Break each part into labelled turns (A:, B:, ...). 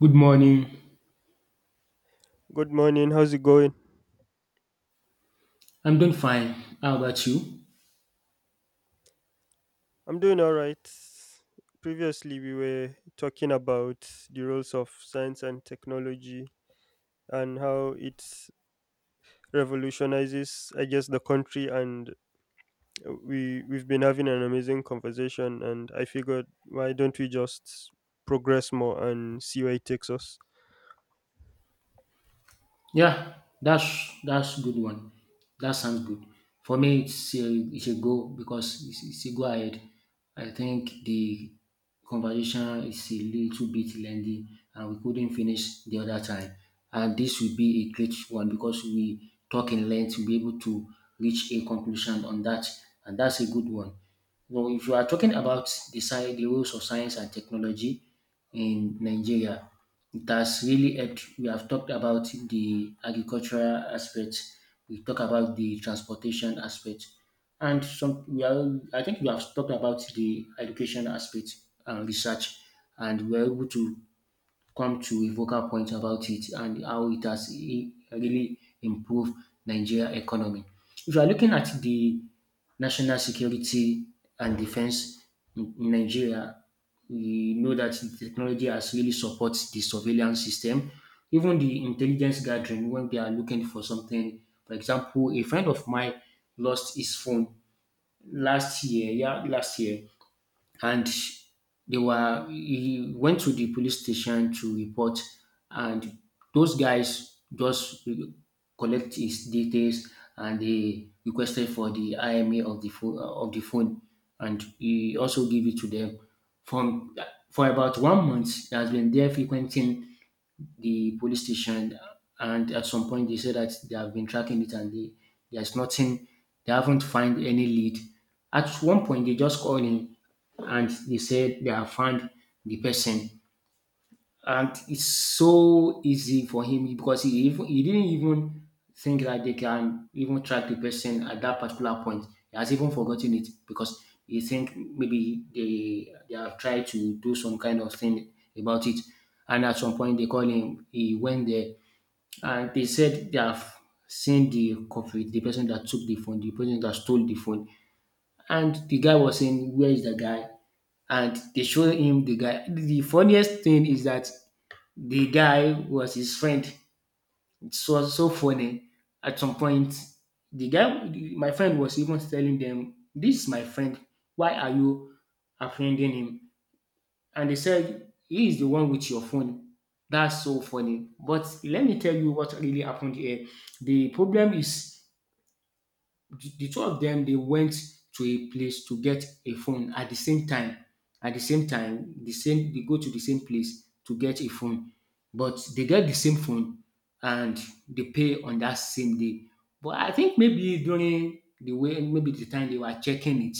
A: Good morning.
B: Good morning. How's it going?
A: I'm doing fine. How about you?
B: I'm doing all right. Previously, we were talking about the roles of science and technology and how it revolutionizes, I guess, the country. And we've been having an amazing conversation. And I figured, why don't we just progress more and see where it takes us?
A: Yeah, that's good one. That sounds good. For me, it's a go because it's a go ahead. I think the conversation is a little bit lengthy and we couldn't finish the other time. And this will be a great one because we talk in length to be able to reach a conclusion on that. And that's a good one. Well, if you are talking about the roles of science and technology in Nigeria, that's really helped. We have talked about the agricultural aspect. We talk about the transportation aspect, and some we are. I think we have talked about the education aspect and research, and we're able to come to a vocal point about it and how it has really improved Nigeria economy. If you are looking at the national security and defense in Nigeria, we know that the technology has really supports the surveillance system, even the intelligence gathering when they are looking for something. For example, a friend of mine lost his phone last year, yeah, last year, and they were he went to the police station to report, and those guys just collect his details and they requested for the IMA of the phone, and he also gave it to them. From for about 1 month he has been there frequenting the police station, and at some point they said that they have been tracking it and there's nothing, they haven't found any lead. At one point, they just called in and they said they have found the person, and it's so easy for him because he didn't even think that they can even track the person at that particular point. He has even forgotten it because he think maybe they have tried to do some kind of thing about it. And at some point they call him, he went there and they said they have seen the culprit, the person that took the phone, the person that stole the phone. And the guy was saying, "Where is the guy?" And they showed him the guy. The funniest thing is that the guy was his friend. It was so funny. At some point, the guy, my friend, was even telling them, "This is my friend. Why are you offending him?" And they said, "He is the one with your phone." That's so funny. But let me tell you what really happened here. The problem is the two of them they went to a place to get a phone at the same time. At the same time, they go to the same place to get a phone, but they get the same phone and they pay on that same day. But I think maybe during the way maybe the time they were checking it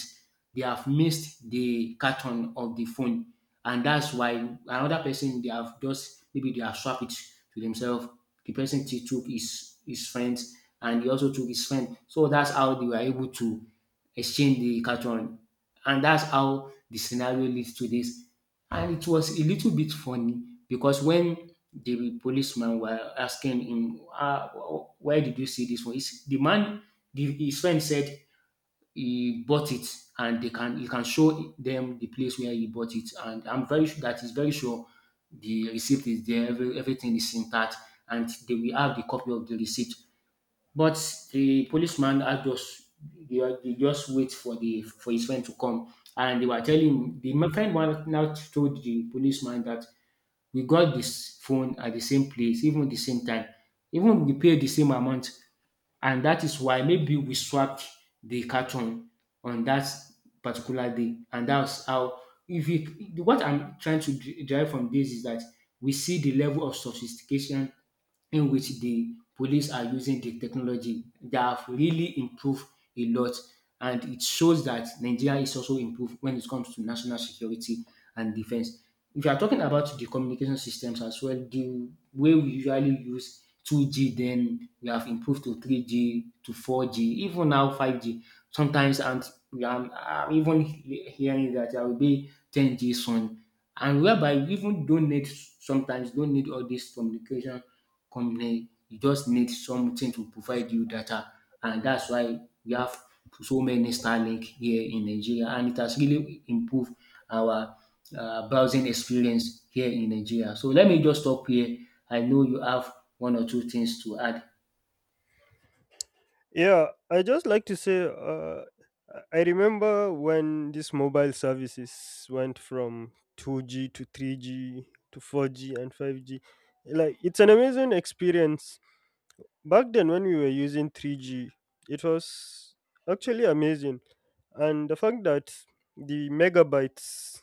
A: they have missed the carton of the phone, and that's why another person they have just maybe they have swapped it to themselves. The person took his friend and he also took his friend. So that's how they were able to exchange the carton. And that's how the scenario leads to this. And it was a little bit funny because when the policeman were asking him, "Where did you see this one?" The man, his friend said he bought it, and they can you can show them the place where he bought it, and I'm very sure that is very sure the receipt is there, everything is intact and they will have the copy of the receipt. But the policeman had just they just wait for the for his friend to come, and they were telling him the my friend one now told the policeman that we got this phone at the same place, even the same time, even we pay the same amount. And that is why maybe we swapped the carton on that particular day. And that's how, if you, what I'm trying to derive from this is that we see the level of sophistication in which the police are using the technology. They have really improved a lot. And it shows that Nigeria is also improved when it comes to national security and defense. If you are talking about the communication systems as well, the way we usually use 2G, then we have improved to 3G, to 4G, even now 5G sometimes, and I'm even hearing that I will be 10G soon, and whereby you even don't need all this communication company. You just need something to provide you data, and that's why we have so many Starlink here in Nigeria, and it has really improved our browsing experience here in Nigeria. So let me just stop here. I know you have one or two things to add.
B: Yeah, I just like to say, I remember when these mobile services went from 2G to 3G to 4G and 5G. Like, it's an amazing experience. Back then, when we were using 3G, it was actually amazing. And the fact that the megabytes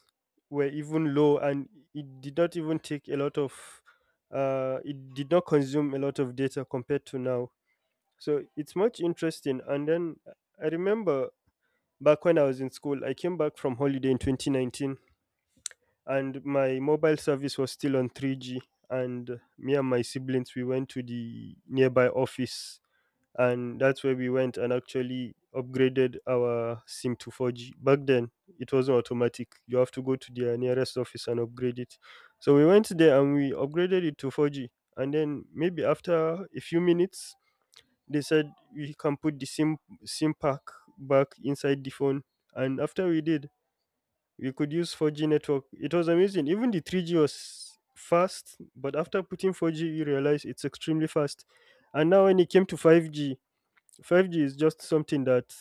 B: were even low and it did not even take a lot of, it did not consume a lot of data compared to now, so it's much interesting. And then I remember back when I was in school, I came back from holiday in 2019 and my mobile service was still on 3G. And me and my siblings, we went to the nearby office and that's where we went and actually upgraded our SIM to 4G. Back then, it wasn't automatic. You have to go to their nearest office and upgrade it. So we went there and we upgraded it to 4G. And then maybe after a few minutes, they said we can put the SIM pack back inside the phone, and after we did, we could use 4G network. It was amazing. Even the 3G was fast, but after putting 4G, you realize it's extremely fast. And now when it came to 5G, 5G is just something that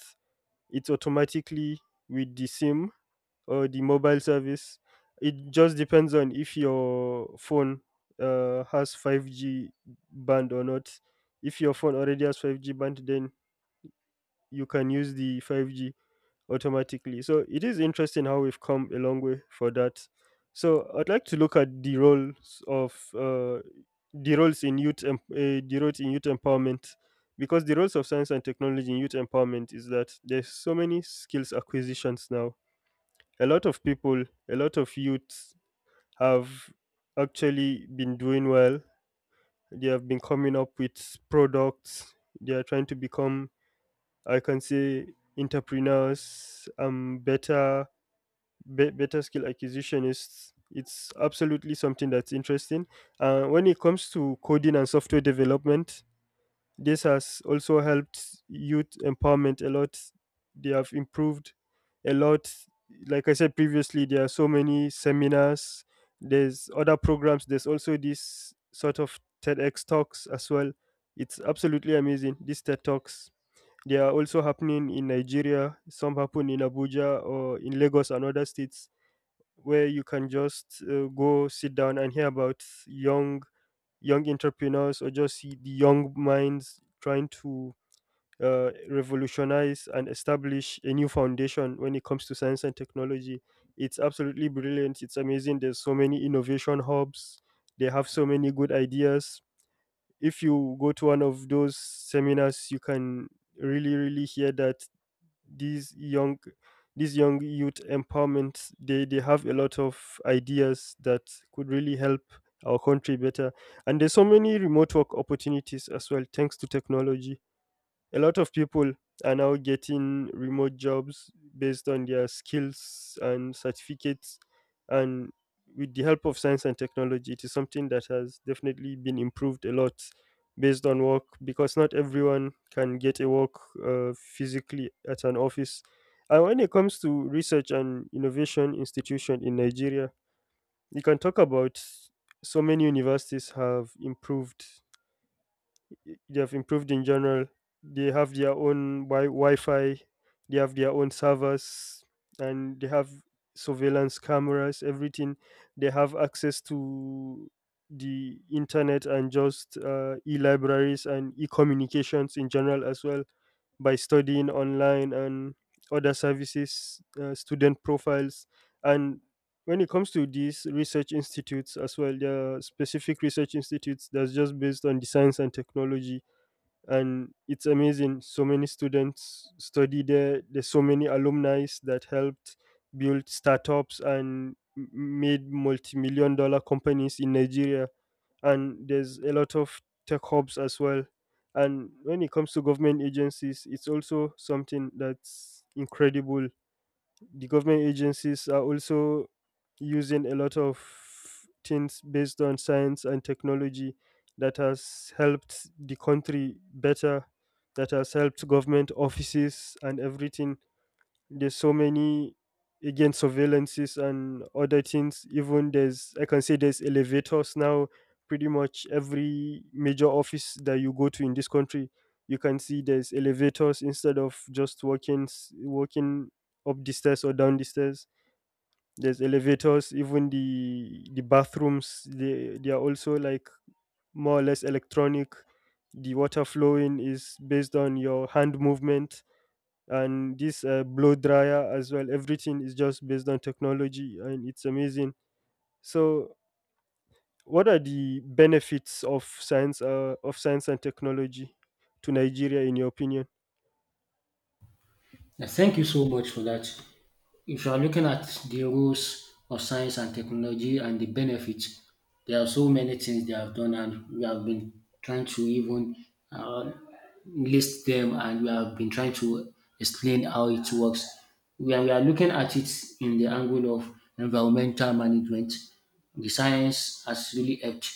B: it's automatically with the SIM or the mobile service. It just depends on if your phone has 5G band or not. If your phone already has 5G band, then you can use the 5G automatically. So it is interesting how we've come a long way for that. So I'd like to look at the roles of the roles in youth empowerment, because the roles of science and technology in youth empowerment is that there's so many skills acquisitions now. A lot of people, a lot of youths have actually been doing well. They have been coming up with products. They are trying to become, I can say, entrepreneurs, better better skill acquisitionists. It's absolutely something that's interesting. When it comes to coding and software development, this has also helped youth empowerment a lot. They have improved a lot. Like I said previously, there are so many seminars. There's other programs. There's also this sort of TEDx talks as well. It's absolutely amazing. These TED talks, they are also happening in Nigeria. Some happen in Abuja or in Lagos and other states, where you can just go sit down and hear about young entrepreneurs or just see the young minds trying to revolutionize and establish a new foundation when it comes to science and technology. It's absolutely brilliant. It's amazing. There's so many innovation hubs. They have so many good ideas. If you go to one of those seminars, you can really, really hear that these young these young youth empowerment, they have a lot of ideas that could really help our country better. And there's so many remote work opportunities as well thanks to technology. A lot of people are now getting remote jobs based on their skills and certificates, and with the help of science and technology, it is something that has definitely been improved a lot based on work, because not everyone can get a work physically at an office. And when it comes to research and innovation institution in Nigeria, you can talk about so many universities have improved. They've improved in general. They have their own Wi-Fi, they have their own servers, and they have surveillance cameras. Everything, they have access to the internet and just e-libraries and e-communications in general as well, by studying online and other services, student profiles, and when it comes to these research institutes as well, there are specific research institutes that's just based on the science and technology. And it's amazing, so many students study there. There's so many alumni that helped build startups and made multi-million-dollar companies in Nigeria, and there's a lot of tech hubs as well. And when it comes to government agencies, it's also something that's incredible. The government agencies are also using a lot of things based on science and technology that has helped the country better, that has helped government offices and everything. There's so many, again, surveillances and other things. Even there's, I can say there's elevators now. Pretty much every major office that you go to in this country, you can see there's elevators instead of just walking up the stairs or down the stairs. There's elevators. Even the bathrooms, they are also like more or less electronic. The water flowing is based on your hand movement, and this blow dryer as well, everything is just based on technology and it's amazing. So what are the benefits of science and technology to Nigeria in your opinion?
A: Thank you so much for that. If you are looking at the roles of science and technology and the benefits, there are so many things they have done, and we have been trying to even uh, list them, and we have been trying to explain how it works. We are looking at it in the angle of environmental management. The science has really helped.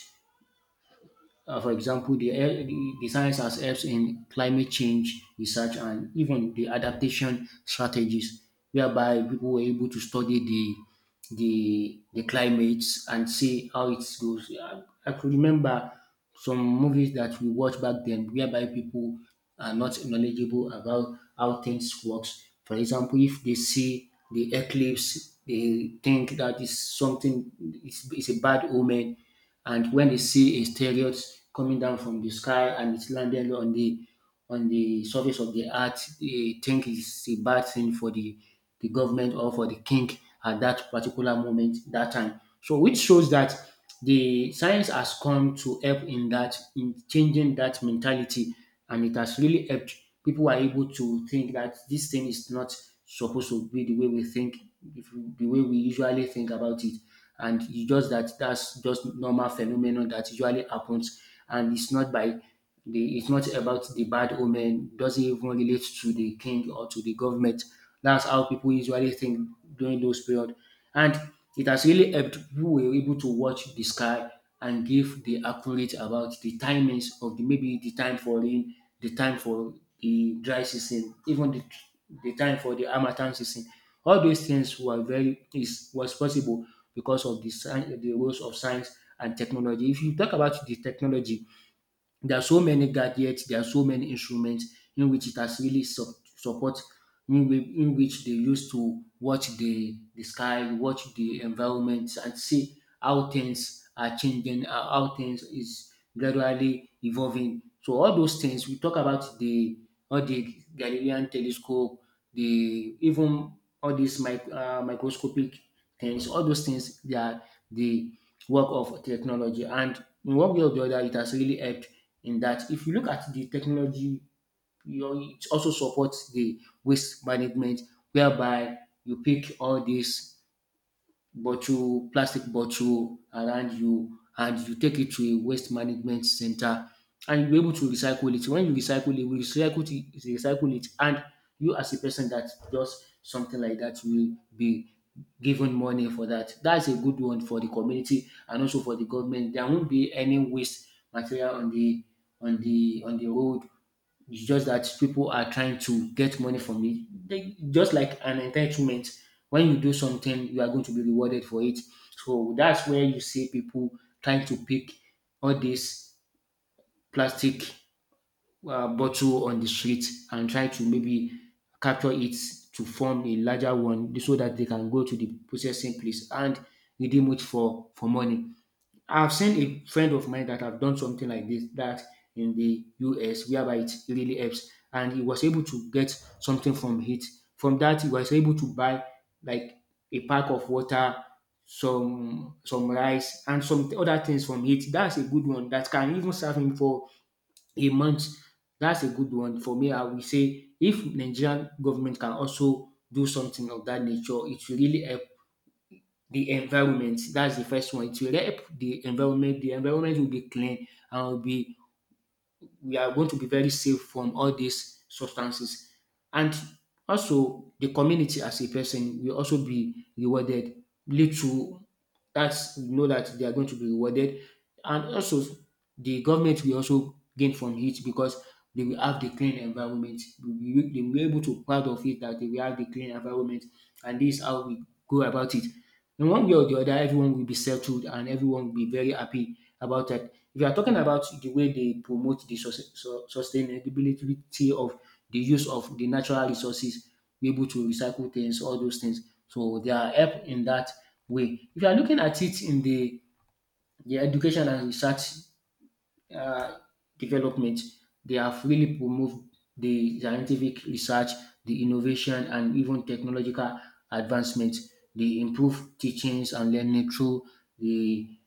A: Uh, for example, the science has helped in climate change research and even the adaptation strategies, whereby people were able to study the climates and see how it goes. I could remember some movies that we watched back then, whereby people are not knowledgeable about how things works. For example, if they see the eclipse, they think that is something is a bad omen. And when they see asteroids coming down from the sky and it's landed on the surface of the earth, they think it's a bad thing for the government or for the king at that particular moment, that time. So which shows that the science has come to help in that in changing that mentality and it has really helped. People are able to think that this thing is not supposed to be the way we think, if- the way we usually think about it, and you just that's just normal phenomenon that usually happens, and it's not by the it's not about the bad omen, doesn't even relate to the king or to the government. That's how people usually think during those period. And it has really helped. We were able to watch the sky and give the accurate about the timings of the maybe the time for rain, the time for the dry season, even the time for the harmattan season. All those things were very is was possible because of the the roles of science and technology. If you talk about the technology, there are so many gadgets, there are so many instruments in which it has really support in, in which they used to watch the sky, watch the environment and see how things are changing, how things is gradually evolving. So all those things we talk about the all the Galilean telescope, the even all these microscopic things, all those things they are the work of technology. And in one way or the other, it has really helped in that if you look at the technology, you know, it also supports the waste management whereby you pick all this bottle, plastic bottle around you and you take it to a waste management center, and you're able to recycle it. When you recycle it, recycle it, and you as a person that does something like that will be given money for that. That's a good one for the community and also for the government. There won't be any waste material on the road. It's just that people are trying to get money from it. Just like an entitlement. When you do something, you are going to be rewarded for it. So that's where you see people trying to pick all these plastic bottle on the street and try to maybe capture it to form a larger one so that they can go to the processing place and redeem it for money. I've seen a friend of mine that have done something like this that in the US whereby it really helps, and he was able to get something from it. From that he was able to buy like a pack of water, some rice and some other things from it. That's a good one that can even serve him for a month. That's a good one for me. I will say if Nigerian government can also do something of that nature, it will really help the environment. That's the first one. It will help the environment. The environment will be clean and will be we are going to be very safe from all these substances. And also the community as a person will also be rewarded. Little that's you know that they are going to be rewarded. And also the government will also gain from it because they will have the clean environment. They will be able to proud of it that they will have the clean environment, and this is how we go about it. In one way or the other, everyone will be settled and everyone will be very happy about that. If you are talking about the way they promote the sustainability of the use of the natural resources, be able to recycle things, all those things. So they are help in that way. If you are looking at it in the education and research uh, development, they have really promoted the scientific research, the innovation, and even technological advancement. They improve teachings and learning through the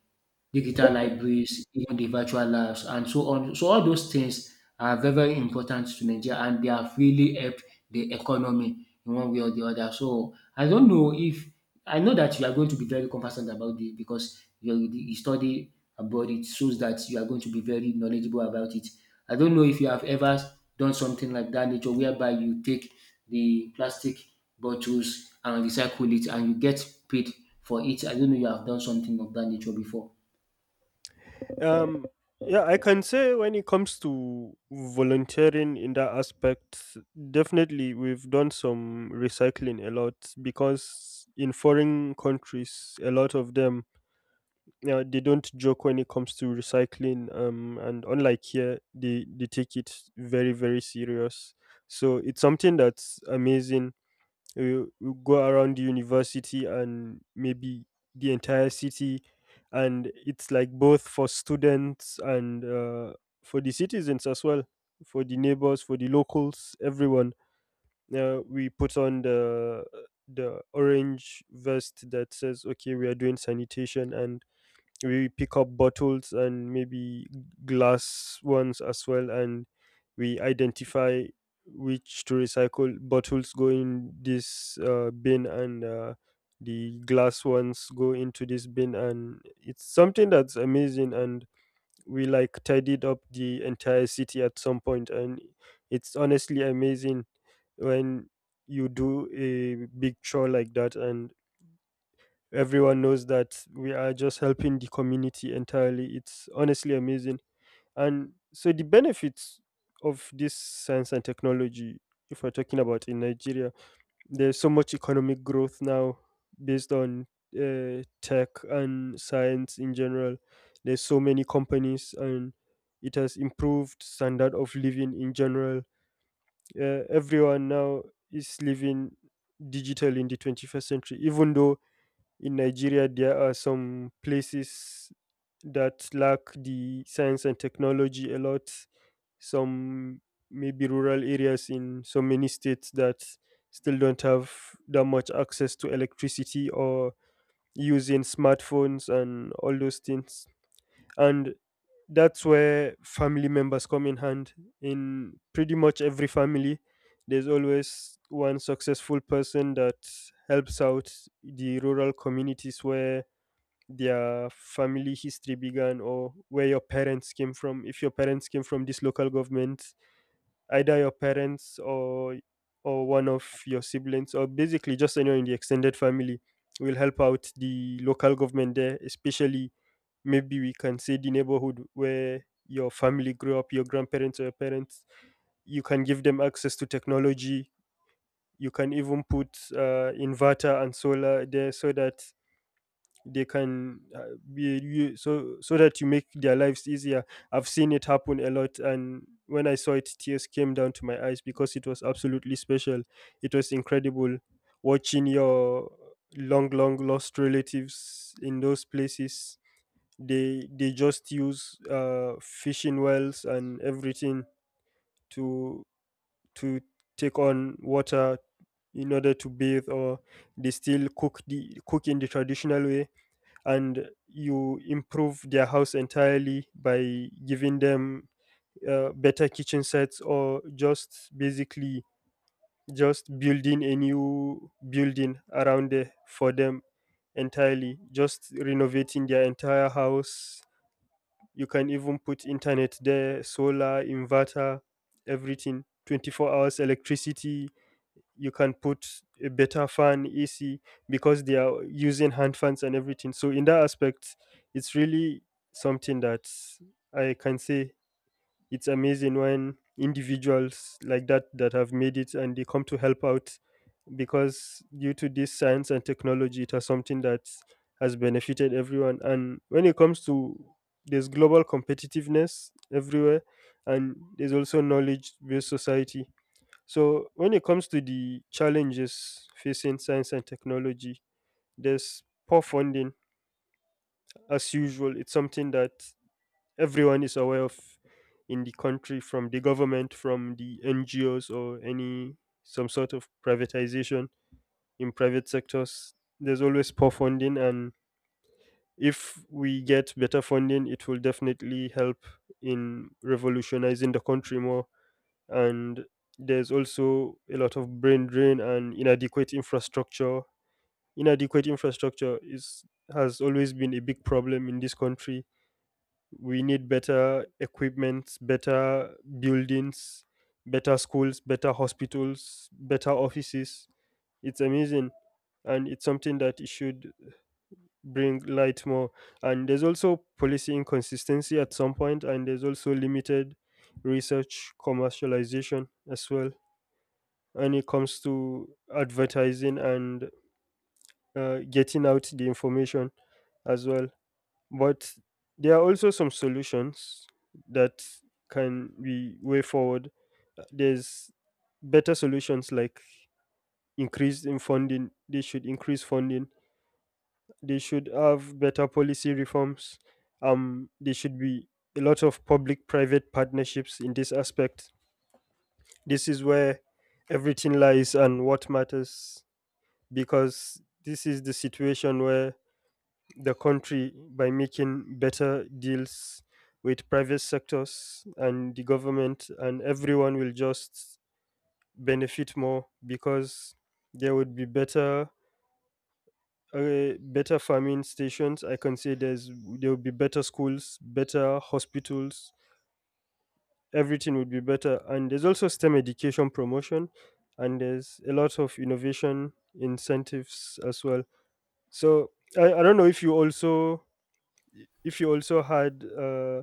A: digital libraries, even the virtual labs, and so on. So all those things are very, very important to Nigeria, and they have really helped the economy in one way or the other. So I don't know if I know that you are going to be very compassionate about it because you study abroad. It shows that you are going to be very knowledgeable about it. I don't know if you have ever done something like that nature, whereby you take the plastic bottles and recycle it, and you get paid for it. I don't know you have done something of that nature before.
B: um yeah, I can say when it comes to volunteering in that aspect, definitely we've done some recycling a lot, because in foreign countries a lot of them, yeah, they don't joke when it comes to recycling. And unlike here, they take it very, very serious. So it's something that's amazing. You go around the university and maybe the entire city, and it's like both for students and for the citizens as well, for the neighbors, for the locals, everyone. We put on the orange vest that says, "Okay, we are doing sanitation," and we pick up bottles and maybe glass ones as well, and we identify which to recycle. Bottles go in this bin, and the glass ones go into this bin, and it's something that's amazing. And we like tidied up the entire city at some point, and it's honestly amazing when you do a big chore like that, and everyone knows that we are just helping the community entirely. It's honestly amazing. And so the benefits of this science and technology, if we're talking about in Nigeria, there's so much economic growth now based on tech and science in general. There's so many companies and it has improved standard of living in general. Everyone now is living digital in the 21st century, even though in Nigeria, there are some places that lack the science and technology a lot. Some maybe rural areas in so many states that still don't have that much access to electricity or using smartphones and all those things. And that's where family members come in hand. In pretty much every family, there's always one successful person that helps out the rural communities where their family history began, or where your parents came from. If your parents came from this local government, either your parents or one of your siblings, or basically just anyone in the extended family, will help out the local government there, especially, maybe we can say, the neighborhood where your family grew up, your grandparents or your parents. You can give them access to technology. You can even put inverter and solar there, so that they can be you, so so that you make their lives easier. I've seen it happen a lot, and when I saw it, tears came down to my eyes, because it was absolutely special. It was incredible watching your long lost relatives in those places. They just use fishing wells and everything to to take on water in order to bathe, or they still cook in the traditional way. And you improve their house entirely by giving them better kitchen sets, or just basically just building a new building around there for them, entirely just renovating their entire house. You can even put internet there, solar, inverter, everything. 24 hours electricity. You can put a better fan, AC, because they are using hand fans and everything. So, in that aspect, it's really something that, I can say, it's amazing when individuals like that that have made it and they come to help out, because due to this science and technology, it has something that has benefited everyone. And when it comes to, there's global competitiveness everywhere, and there's also knowledge based society. So when it comes to the challenges facing science and technology, there's poor funding. As usual, it's something that everyone is aware of in the country, from the government, from the NGOs, or any some sort of privatization in private sectors. There's always poor funding, and if we get better funding, it will definitely help in revolutionizing the country more. And there's also a lot of brain drain and inadequate infrastructure. Inadequate infrastructure is, has always been a big problem in this country. We need better equipment, better buildings, better schools, better hospitals, better offices. It's amazing, and it's something that it should bring light more. And there's also policy inconsistency at some point, and there's also limited research commercialization as well when it comes to advertising and getting out the information as well. But there are also some solutions that can be way forward. There's better solutions like increase in funding. They should increase funding. They should have better policy reforms. There should be a lot of public-private partnerships in this aspect. This is where everything lies and what matters, because this is the situation where the country, by making better deals with private sectors and the government, and everyone will just benefit more, because there would be better better farming stations, I can say there's, there would be better schools, better hospitals, everything would be better. And there's also STEM education promotion, and there's a lot of innovation incentives as well. So, I don't know if you also, if you also had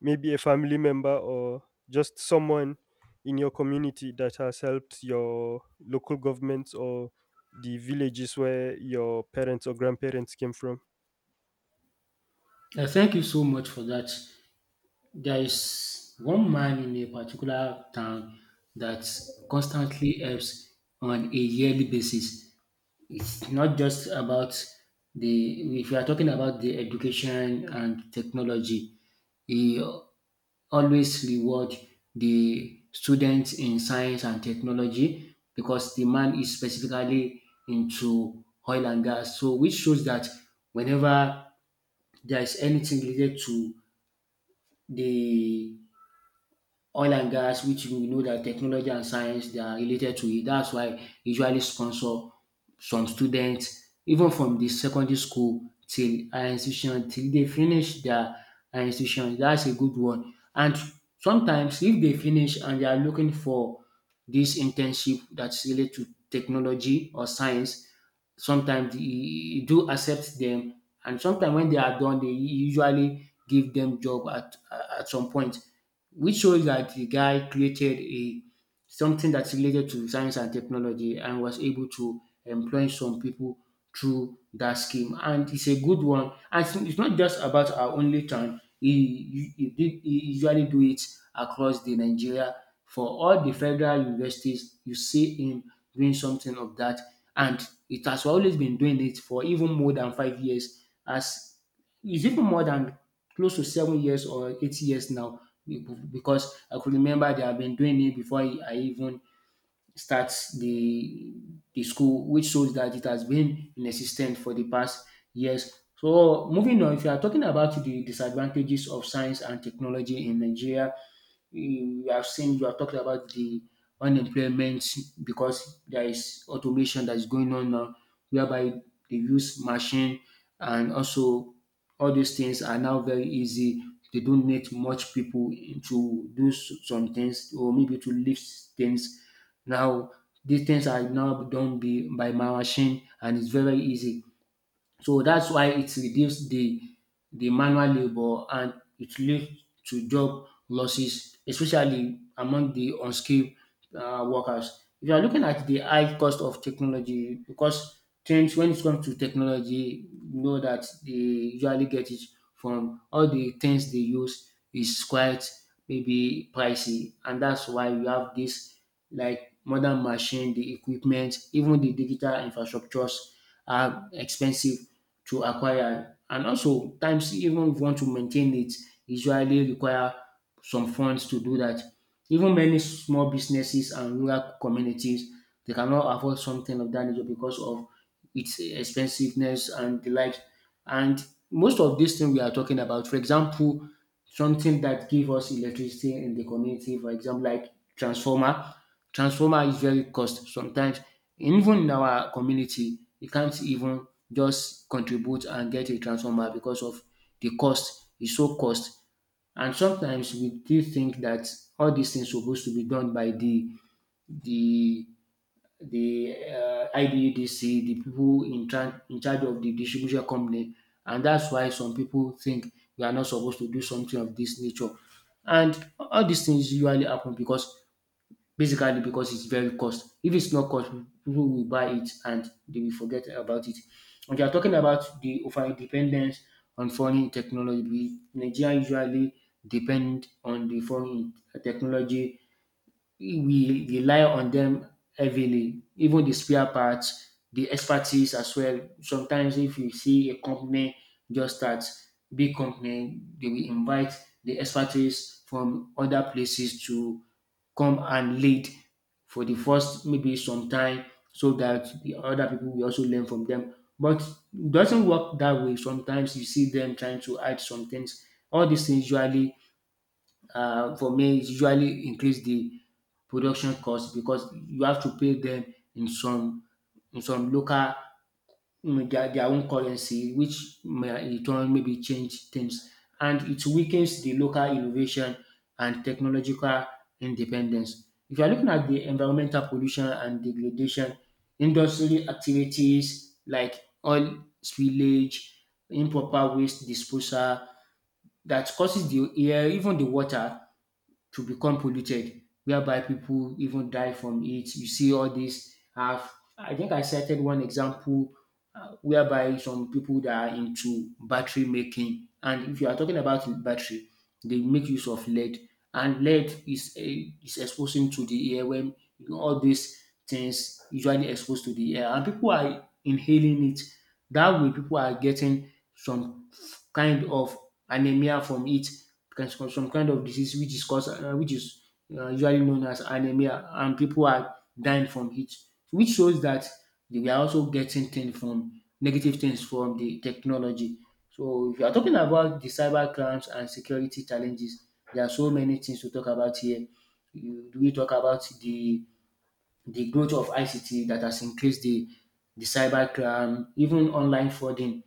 B: maybe a family member or just someone in your community that has helped your local governments or the villages where your parents or grandparents came from.
A: Thank you so much for that. There is one man in a particular town that constantly helps on a yearly basis. It's not just about if you are talking about the education and technology, he always reward the students in science and technology because the man is specifically into oil and gas. So which shows that whenever there is anything related to the oil and gas, which we know that technology and science they are related to it. That's why usually sponsor some students even from the secondary school till higher institution till they finish their higher institution. That's a good one. And sometimes if they finish and they are looking for this internship that's related to technology or science, sometimes you do accept them, and sometimes when they are done they usually give them job at some point, which shows that the guy created a something that's related to science and technology and was able to employ some people through that scheme. And it's a good one. And it's not just about our only town. He did, he usually do it across the Nigeria for all the federal universities. You see him doing something of that, and it has always been doing it for even more than 5 years. As is even more than close to 7 years or 8 years now be- because I could remember they have been doing it before I even start the the school, which shows that it has been in existence for the past years. So moving on, if you are talking about the disadvantages of science and technology in Nigeria, you have seen you have talked about the unemployment because there is automation that is going on now whereby they use machine, and also all these things are now very easy, they don't need much people to do some things or maybe to lift things now. These things are now done by my machine and it's very easy, so that's why it reduce the manual labour and it lead to job losses, especially among the unskilled workers. If you are looking at the high cost of technology, because trends when it comes to technology, you know that they usually get it from all the things they use is quite maybe pricey, and that's why we have this like modern machine, the equipment, even the digital infrastructures are expensive to acquire, and also times even if you want to maintain it usually require some funds to do that. Even many small businesses and rural communities, they cannot afford something of that nature because of its expensiveness and the like. And most of these things we are talking about, for example, something that give us electricity in the community, for example, like transformer. Transformer is very cost sometimes, even in our community you can't even just contribute and get a transformer because of the cost. It's so cost, and sometimes we do think that all these things supposed to be done by the the IDUDC, the people in charge of the distribution company, and that's why some people think we are not supposed to do something of this nature. And all these things usually happen because basically because it's very cost. If it's not cost, people will buy it and they will forget about it. When you are talking about the over dependence on foreign technology, Nigeria usually depend on the foreign technology, we rely on them heavily, even the spare parts, the expertise as well. Sometimes, if you see a company just start, big company, they will invite the expertise from other places to come and lead for the first maybe some time so that the other people will also learn from them. But it doesn't work that way. Sometimes you see them trying to add some things. All these things usually for me it usually increase the production cost because you have to pay them in some in some local their own currency, which may in turn maybe change things, and it weakens the local innovation and technological independence. If you are looking at the environmental pollution and degradation, industrial activities like oil spillage, improper waste disposal that causes the air, even the water to become polluted, whereby people even die from it. You see all this. I think I cited one example whereby some people that are into battery making, and if you are talking about battery, they make use of lead, and lead is exposing to the air when you know, all these things usually exposed to the air, and people are inhaling it. That way, people are getting some kind of anemia from it, can some kind of disease which is caused which is usually known as anemia, and people are dying from it, which shows that they were also getting things from negative things from the technology. So if you are talking about the cyber crimes and security challenges, there are so many things to talk about here. You, do we talk about the growth of ICT that has increased the cyber crime, even online frauding.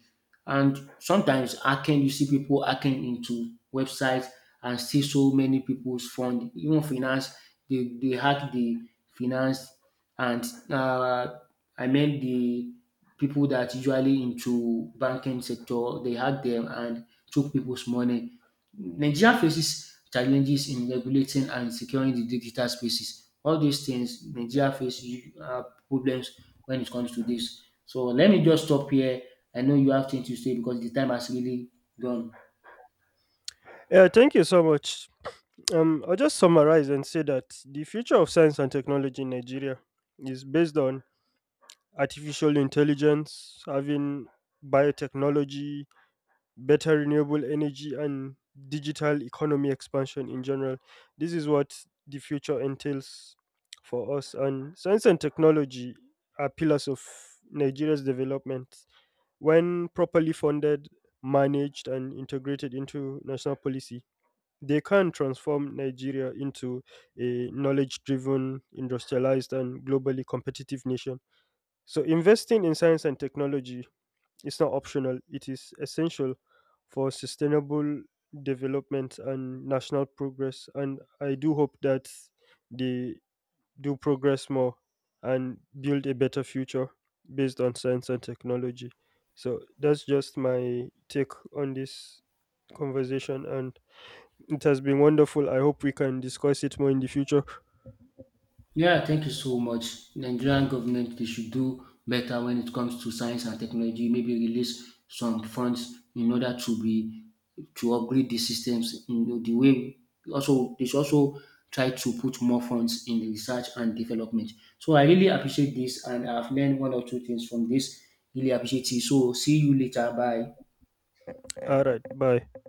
A: And sometimes hacking, you see people hacking into websites and steal so many people's fund, even finance, they hack the finance and uh, I mean the people that usually into banking sector, they hack them and took people's money. Nigeria faces challenges in regulating and securing the digital spaces. All these things, Nigeria faces problems when it comes to this. So let me just stop here. I know you have things to say because the time has really gone.
B: Yeah, thank you so much. I'll just summarize and say that the future of science and technology in Nigeria is based on artificial intelligence, having biotechnology, better renewable energy, and digital economy expansion in general. This is what the future entails for us. And science and technology are pillars of Nigeria's development. When properly funded, managed, and integrated into national policy, they can transform Nigeria into a knowledge driven, industrialized, and globally competitive nation. So, investing in science and technology is not optional, it is essential for sustainable development and national progress. And I do hope that they do progress more and build a better future based on science and technology. So, that's just my take on this conversation, and it has been wonderful. I hope we can discuss it more in the future.
A: Yeah, thank you so much. Nigerian government they should do better when it comes to science and technology. Maybe release some funds in order to be to upgrade the systems. You know, the way also they should also try to put more funds in the research and development. So I really appreciate this, and I've learned one or two things from this. Really appreciate it. So see you later. Bye.
B: All right, bye.